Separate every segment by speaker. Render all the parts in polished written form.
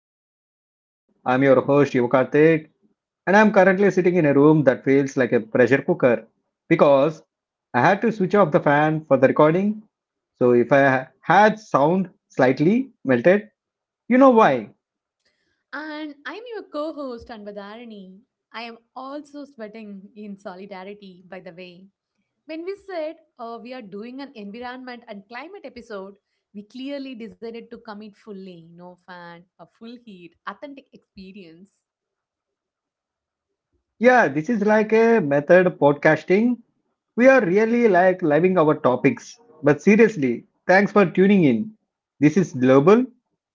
Speaker 1: back to Global. I'm your host Yukartik, and I'm currently sitting in a room that feels like a pressure cooker because I had to switch off the fan for the recording. So if I had sound slightly melted, you know why.
Speaker 2: And I'm your co host, Anbadharani. I am also sweating in solidarity, by the way. When we said we are doing an environment and climate episode, we clearly decided to commit fully, no fan, a full heat, authentic experience.
Speaker 1: Yeah, this is like a method podcasting. We are really like loving our topics. But seriously, thanks for tuning in. This is global.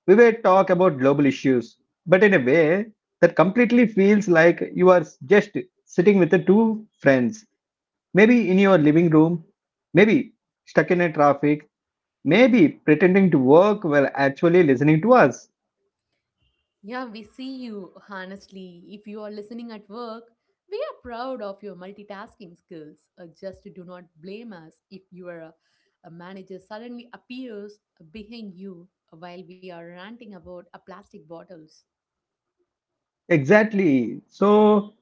Speaker 1: We will talk about global issues, but in a way that completely feels like you are just sitting with the two friends, maybe in your living room, maybe stuck in a traffic, maybe pretending to work while actually listening to us.
Speaker 2: Yeah, we see you. Honestly, if you are listening at work, we are proud of your multitasking skills. Just do not blame us if your a manager suddenly appears behind you while we are ranting about plastic bottles.
Speaker 1: Exactly. So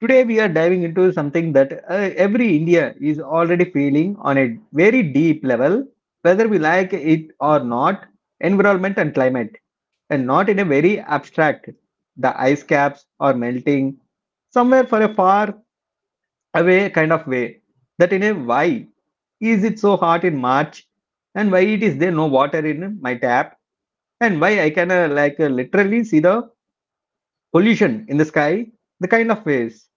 Speaker 1: today, we are diving into something that every India is already feeling on a very deep level, whether we like it or not, environment and climate, and not in a very abstract, the ice caps are melting, somewhere for a far away kind of way. That in a why is it so hot in March, and why it is there no water in my tap, and why I can literally see the pollution in the sky, the kind of ways.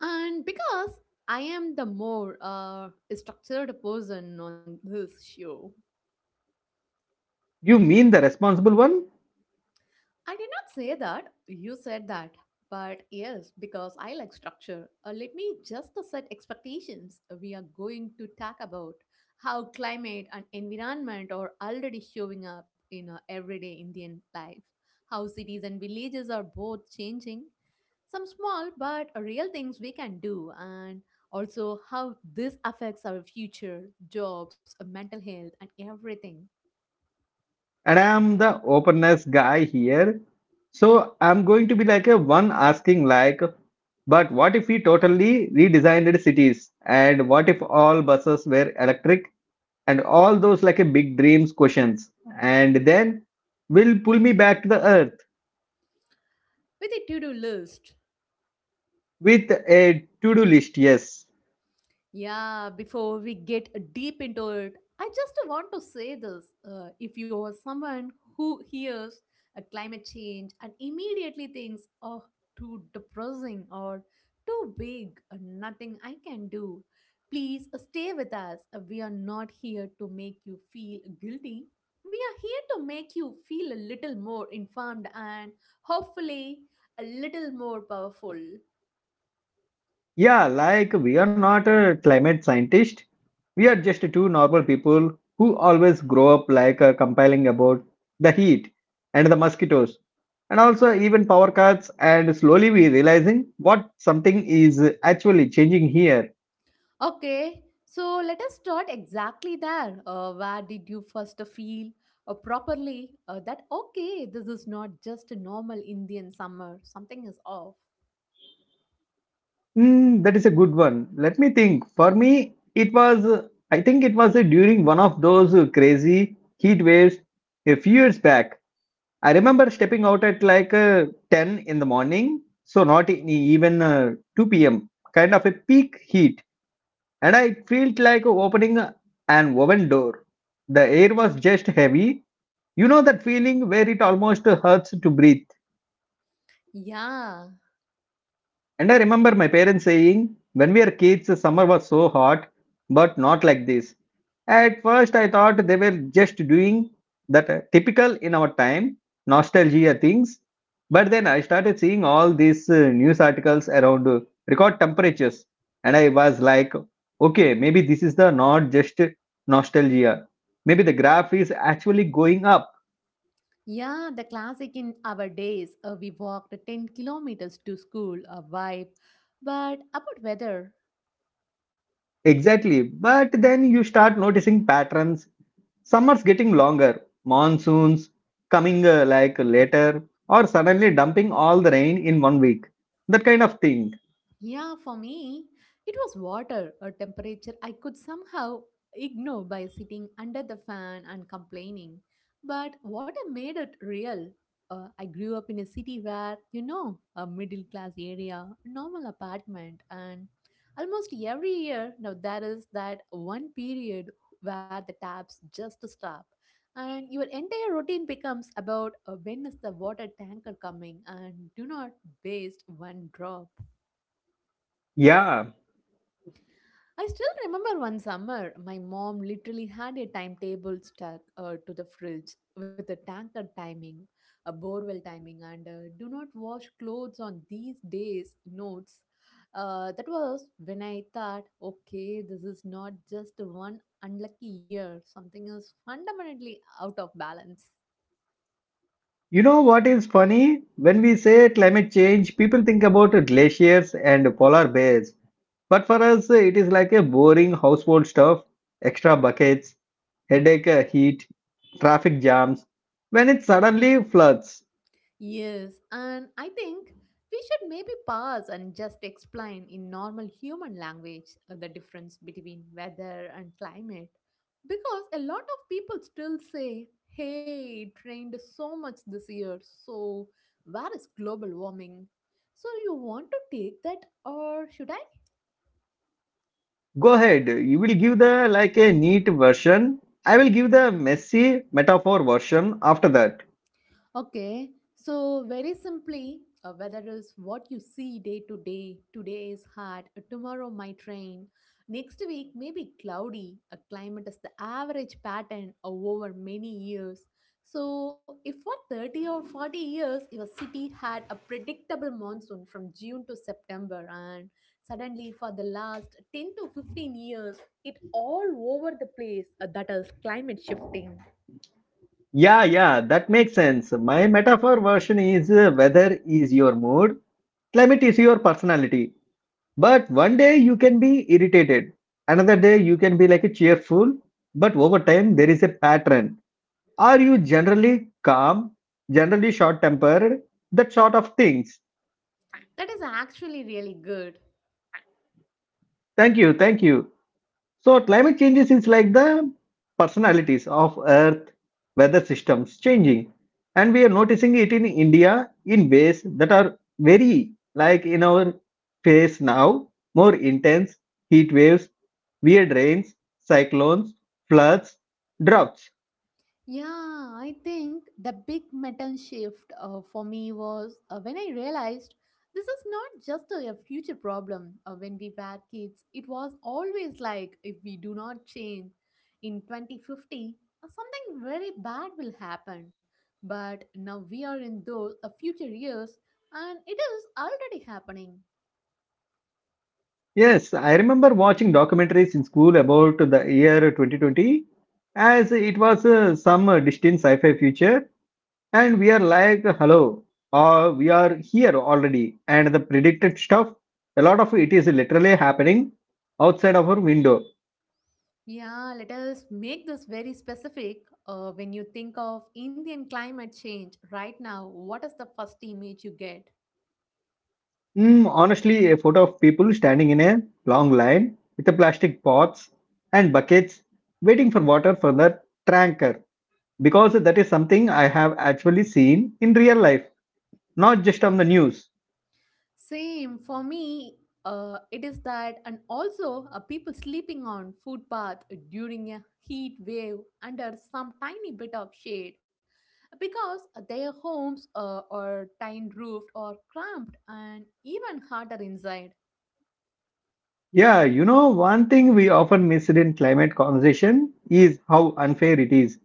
Speaker 2: And because I am the more structured person on this show,
Speaker 1: You mean the responsible one?
Speaker 2: I did not say that. You said that. But yes, because I like structure. Let me just to set expectations. We are going to talk about how climate and environment are already showing up in our everyday Indian life, how cities and villages are both changing, some small but real things we can do, and also how this affects our future, jobs, mental health, and everything.
Speaker 1: And I am the openness guy here. So I'm going to be like a one asking like, but what if we totally redesigned cities? And what if all buses were electric? And all those like a big dreams questions. And then will pull me back to the earth
Speaker 2: With a to do list.
Speaker 1: with a to-do list, yes.
Speaker 2: Yeah, before we get deep into it, I just want to say this. If you are someone who hears a climate change and immediately thinks, oh, too depressing or too big, nothing I can do, please stay with us. We are not here to make you feel guilty. We are here to make you feel a little more informed and hopefully a little more powerful.
Speaker 1: Yeah, like we are not a climate scientist. We are just two normal people who always grow up complaining about the heat and the mosquitoes and also even power cuts and slowly we realizing what something is actually changing here.
Speaker 2: Okay, so let us start exactly there. Where did you first feel properly that okay, this is not just a normal Indian summer, something is off?
Speaker 1: Hmm, that is a good one. Let me think. For me, it was, I think it was during one of those crazy heat waves a few years back. I remember stepping out at 10 in the morning, so not even 2 p.m., kind of a peak heat, and I felt like opening an oven door. The air was just heavy. You know that feeling where it almost hurts to breathe.
Speaker 2: Yeah,
Speaker 1: And I remember my parents saying, when we were kids, the summer was so hot, but not like this. At first, I thought they were just doing that typical in our time nostalgia things. But then I started seeing all these news articles around record temperatures, and I was like, okay, maybe this is the not just nostalgia. Maybe the graph is actually going up.
Speaker 2: yeah, the classic in our days. We walked 10 kilometers to school, a vibe. But about weather,
Speaker 1: Exactly. But then you start noticing patterns. Summers getting longer, monsoons coming like later, or suddenly dumping all the rain in one week. That kind of thing.
Speaker 2: yeah, for me, it was water, a temperature I could somehow ignore by sitting under the fan and complaining. But water made it real. I grew up in a city where, you know, a middle class area, normal apartment, and almost every year now there is that one period where the taps just stop. And your entire routine becomes about when is the water tanker coming and do not waste one drop.
Speaker 1: Yeah.
Speaker 2: I still remember one summer, my mom literally had a timetable stuck to the fridge with a tanker timing, a borewell timing, and do not wash clothes on these days notes. That was when I thought, okay, this is not just one unlucky year, something is fundamentally out of balance.
Speaker 1: You know what is funny? When we say climate change, people think about glaciers and polar bears. But for us, it is like a boring household stuff, extra buckets, headache, heat, traffic jams. When it suddenly floods.
Speaker 2: Yes, and I think we should maybe pause and just explain in normal human language the difference between weather and climate because a lot of people still say, hey, it rained so much this year, so where is global warming? So, you want to take that, or should I?
Speaker 1: Go ahead. You will give the like a neat version. I will give the messy metaphor version after that.
Speaker 2: Okay, so very simply, whether it's what you see day to day, today is hot, tomorrow might rain, next week may be cloudy, a climate is the average pattern over many years. So, if for 30 or 40 years your city had a predictable monsoon from June to September, and suddenly for the last 10 to 15 years, it all over the place, that is climate shifting.
Speaker 1: Yeah, yeah, that makes sense. My metaphor version is, weather is your mood, climate is your personality. But one day you can be irritated, another day you can be like a cheerful, but over time there is a pattern. Are you generally calm, generally short tempered, that sort of things?
Speaker 2: That is actually really good.
Speaker 1: Thank you, thank you. So climate changes is like the personalities of Earth weather systems changing, and we are noticing it in India in ways that are very like in our face now, more intense heat waves, weird rains, cyclones, floods, droughts.
Speaker 2: Yeah, I think the big metal shift for me was when I realized this is not just a future problem. When we were kids, it was always like if we do not change in 2050, something very bad will happen. But now we are in those future years and it is already happening.
Speaker 1: Yes, I remember watching documentaries in school about the year 2020 as it was some distant sci-fi future. And we are like, hello, we are here already. And the predicted stuff, a lot of it is literally happening outside of our window.
Speaker 2: Yeah, let us make this very specific. When you think of Indian climate change right now, what is the first image you get?
Speaker 1: Mm, honestly, a photo of people standing in a long line with the plastic pots and buckets waiting for water for the tanker. Because that is something I have actually seen in real life, not just on the news.
Speaker 2: Same for me. It is that, and also people sleeping on footpath during a heat wave under some tiny bit of shade because their homes are tin roofed or cramped and even harder inside.
Speaker 1: Yeah, you know, one thing we often miss in climate conversation is how unfair it is.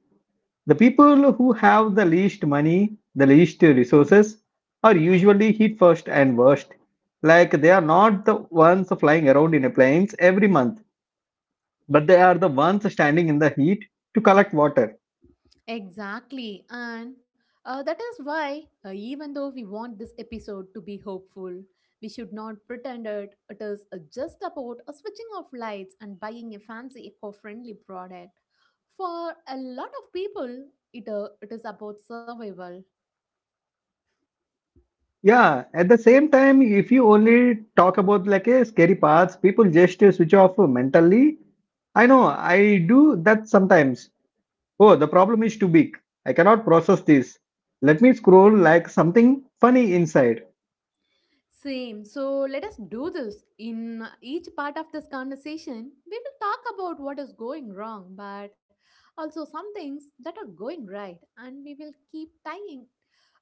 Speaker 1: The people who have the least money, the least resources, are usually hit first and worst. Like they are not the ones flying around in planes every month, but they are the ones standing in the heat to collect water.
Speaker 2: Exactly. And that is why, even though we want this episode to be hopeful, we should not pretend it is just about a switching off lights and buying a fancy eco friendly product. For a lot of people, it is about survival.
Speaker 1: Yeah, at the same time, if you only talk about like a scary parts, people just switch off mentally. I know, I do that sometimes. Oh, the problem is too big. I cannot process this. Let me scroll like something funny inside.
Speaker 2: Same. So let us do this. In each part of this conversation, we will talk about what is going wrong, but also some things that are going right, and we will keep tying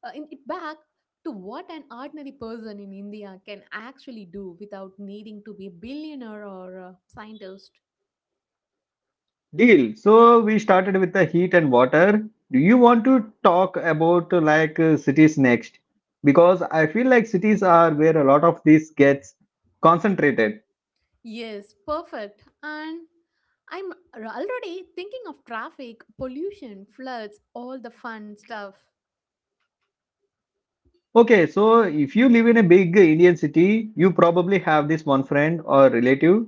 Speaker 2: in it back to what an ordinary person in India can actually do without needing to be a billionaire or a scientist.
Speaker 1: Deal. So we started with the heat and water. Do you want to talk about cities next? Because I feel like cities are where a lot of this gets concentrated.
Speaker 2: Yes, perfect. And already thinking of traffic, pollution, floods, all the fun stuff.
Speaker 1: Okay, so if you live in a big Indian city, you probably have this one friend or relative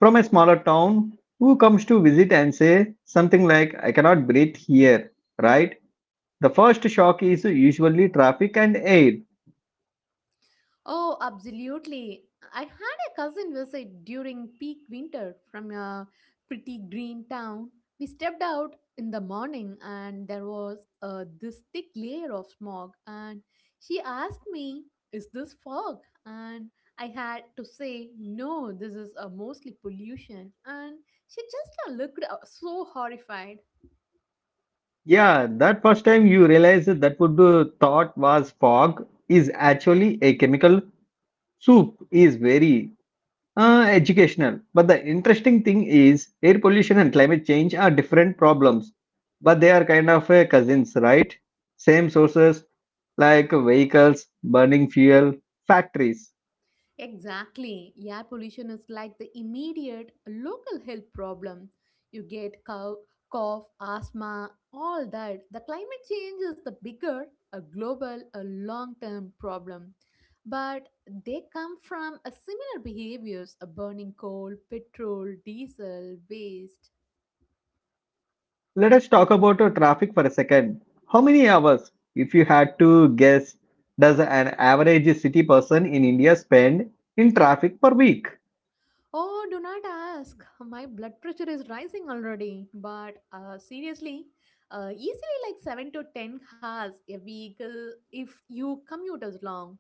Speaker 1: from a smaller town who comes to visit and say something like, I cannot breathe here, right? The first shock is usually traffic and air.
Speaker 2: Oh, absolutely. I had a cousin visit during peak winter from a pretty green town. We stepped out in the morning and there was this thick layer of smog and she asked me, "Is this fog?" and I had to say, "No, this is mostly pollution." And she just looked so horrified.
Speaker 1: Yeah, that first time you realize that that would thought was fog is actually a chemical soup is very educational. But the interesting thing is air pollution and climate change are different problems, but they are kind of cousins, right? Same sources like vehicles, burning fuel, factories.
Speaker 2: Exactly. Air pollution is like the immediate local health problem. You get cough, cough, asthma, all that. The climate change is the bigger, a global, a long-term problem. But they come from a similar behaviors, a burning coal, petrol, diesel, waste.
Speaker 1: Let us talk about traffic for a second. How many hours, if you had to guess, does an average city person in India spend in traffic per week?
Speaker 2: Oh, do not ask. My blood pressure is rising already. But seriously, easily like 7 to 10 hours a vehicle if you commute as long.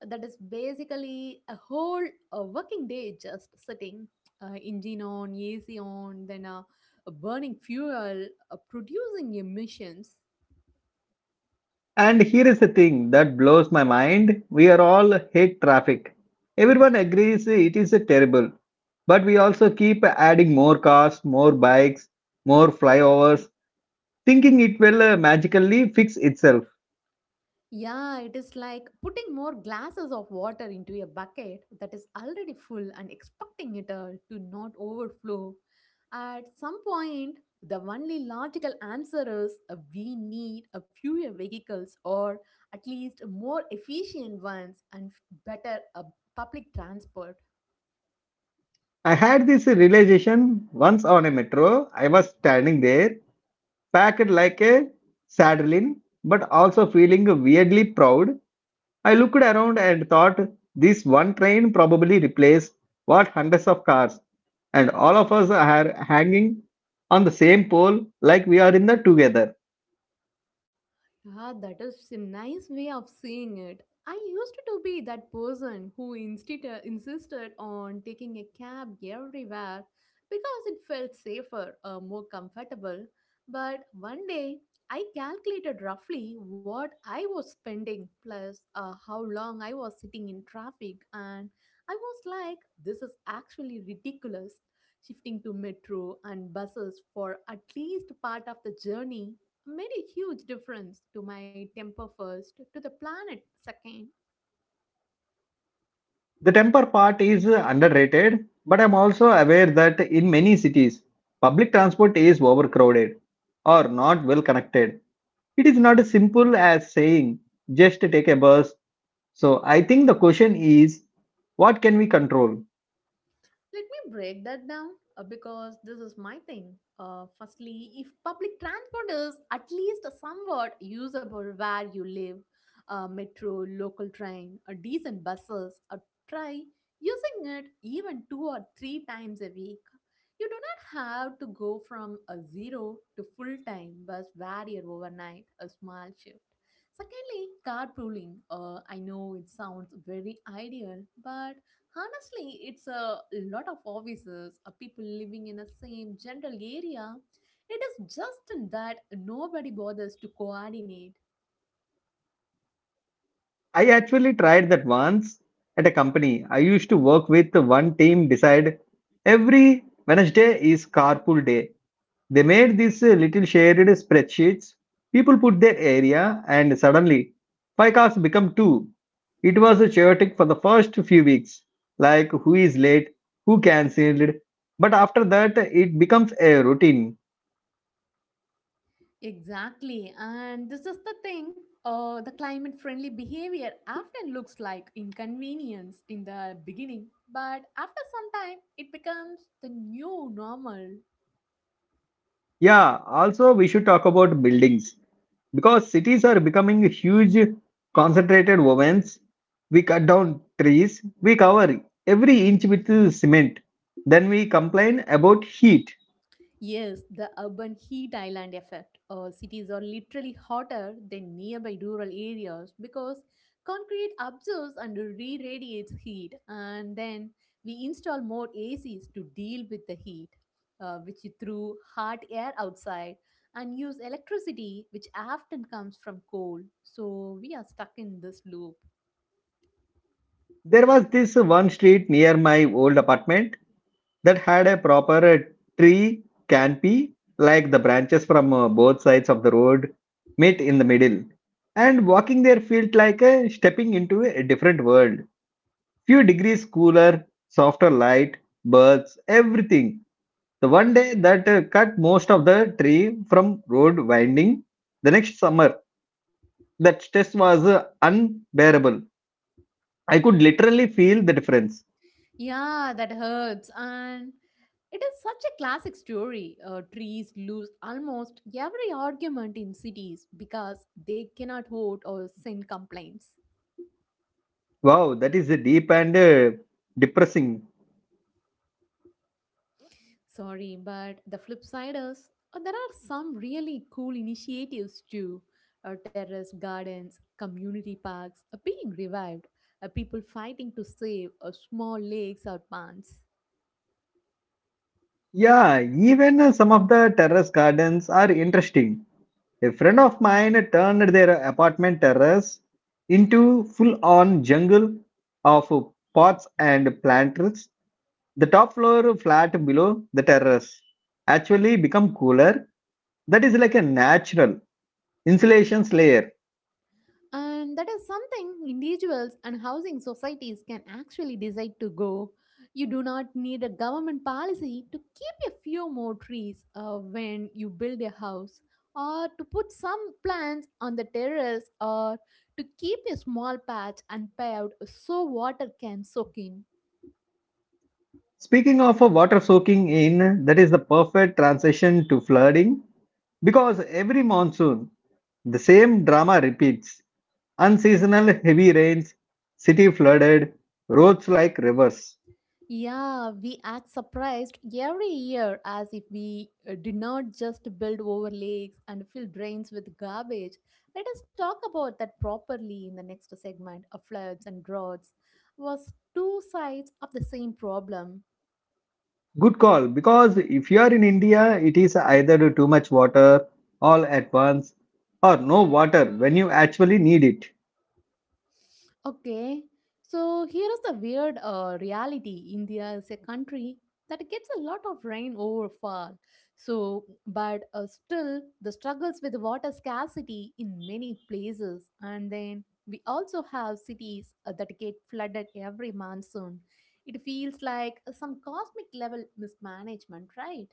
Speaker 2: That is basically a whole working day just sitting, engine on, AC on, then burning fuel, producing emissions.
Speaker 1: And here is the thing that blows my mind. We are all hate traffic. Everyone agrees it is terrible. But we also keep adding more cars, more bikes, more flyovers, thinking it will magically fix itself.
Speaker 2: Yeah, it is like putting more glasses of water into a bucket that is already full and expecting it to not overflow. At some point, the only logical answer is we need a fewer vehicles or at least more efficient ones and better public transport.
Speaker 1: I had this realization once on a metro. I was standing there packed like a saddling, but also feeling weirdly proud. I looked around and thought this one train probably replaced what hundreds of cars, and all of us are hanging on the same pole like we are in the together.
Speaker 2: Ah, that is a nice way of seeing it. I used to be that person who insisted on taking a cab everywhere because it felt safer or more comfortable. But one day, I calculated roughly what I was spending plus how long I was sitting in traffic, and I was like, this is actually ridiculous. Shifting to metro and buses for at least part of the journey made a huge difference to my temper first, to the planet second.
Speaker 1: The temper part is underrated, but I'm also aware that in many cities, public transport is overcrowded or not well connected. It is not as simple as saying just take a bus. So I think the question is, what can we control?
Speaker 2: Let me break that down because this is my thing. Firstly, if public transport is at least somewhat usable where you live, metro, local train, a decent buses, a try using it even two or three times a week. You do not have to go from a zero to full time bus where overnight, a small shift. Secondly, carpooling. I know it sounds very ideal, but honestly, it's a lot of offices, people living in the same general area. It is just that nobody bothers to coordinate.
Speaker 1: I actually tried that once at a company. I used to work with the one team decide every Wednesday is carpool day. They made these little shared spreadsheets. People put their area and suddenly five cars become two. It was chaotic for the first few weeks, like who is late, who cancelled. But after that, it becomes a routine.
Speaker 2: Exactly, and this is the thing. The climate friendly behavior often looks like inconvenience in the beginning, but after some time, it becomes the new normal.
Speaker 1: Yeah, also we should talk about buildings because cities are becoming huge concentrated ovens. We cut down trees, we cover every inch with cement. Then we complain about heat.
Speaker 2: Yes, the urban heat island effect. Cities are literally hotter than nearby rural areas because concrete absorbs and re radiates heat, and then we install more ACs to deal with the heat, which you through hot air outside, and use electricity, which often comes from coal. So we are stuck in this loop.
Speaker 1: There was this one street near my old apartment that had a proper tree canopy, like the branches from both sides of the road meet in the middle. And walking there felt like stepping into a different world. Few degrees cooler, softer light, birds, everything. The one day that cut most of the tree from road winding, the next summer, that stress was unbearable. I could literally feel the difference.
Speaker 2: Yeah, that hurts. And it is such a classic story. Trees lose almost every argument in cities because they cannot vote or send complaints.
Speaker 1: Wow, that is deep and depressing.
Speaker 2: Sorry, but the flip side is there are some really cool initiatives too. Terrace gardens, community parks are being revived. People fighting to save small lakes or ponds.
Speaker 1: Yeah, even some of the terrace gardens are interesting. A friend of mine turned their apartment terrace into full on jungle of pots and planters, the top floor flat below the terrace actually become cooler, that is like a natural insulation layer.
Speaker 2: And that is something individuals and housing societies can actually decide to go. You do not need a government policy to keep a few more trees when you build a house, or to put some plants on the terrace, or to keep a small patch unpaved so water can soak in.
Speaker 1: Speaking of water soaking in, that is the perfect transition to flooding because every monsoon the same drama repeats, unseasonal heavy rains, city flooded, roads like rivers.
Speaker 2: Yeah, we act surprised every year as if we did not just build over lakes and fill drains with garbage. Let us talk about that properly in the next segment. Floods and droughts was two sides of the same problem.
Speaker 1: Good call, because if you are in india it is either too much water all at once or no water when you actually need it.
Speaker 2: Okay, so here is the weird reality. India is a country that gets a lot of rain over. So, but still, the struggles with water scarcity in many places. And then we also have cities that get flooded every monsoon. It feels like some cosmic level mismanagement, right?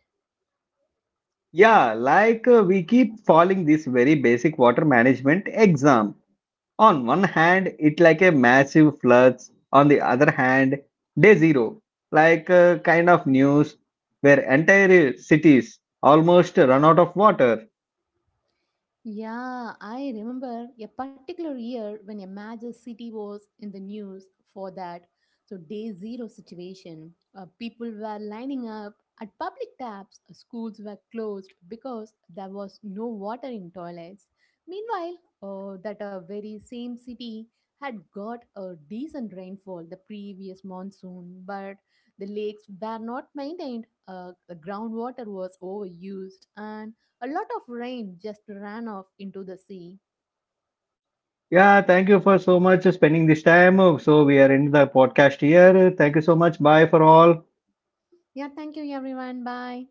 Speaker 1: Yeah, we keep following this very basic water management exam. On one hand, it like a massive floods. On the other hand, day zero, kind of news where entire cities almost run out of water.
Speaker 2: Yeah, I remember a particular year when a major city was in the news for that. So, day zero situation. People were lining up at public taps, schools were closed because there was no water in toilets. Meanwhile, that very same city had got a decent rainfall the previous monsoon, but the lakes were not maintained, the groundwater was overused, and a lot of rain just ran off into the sea.
Speaker 1: Yeah, thank you for so much spending this time. So we are in the podcast here. Thank you so much. Bye for all.
Speaker 2: Yeah, thank you everyone. Bye.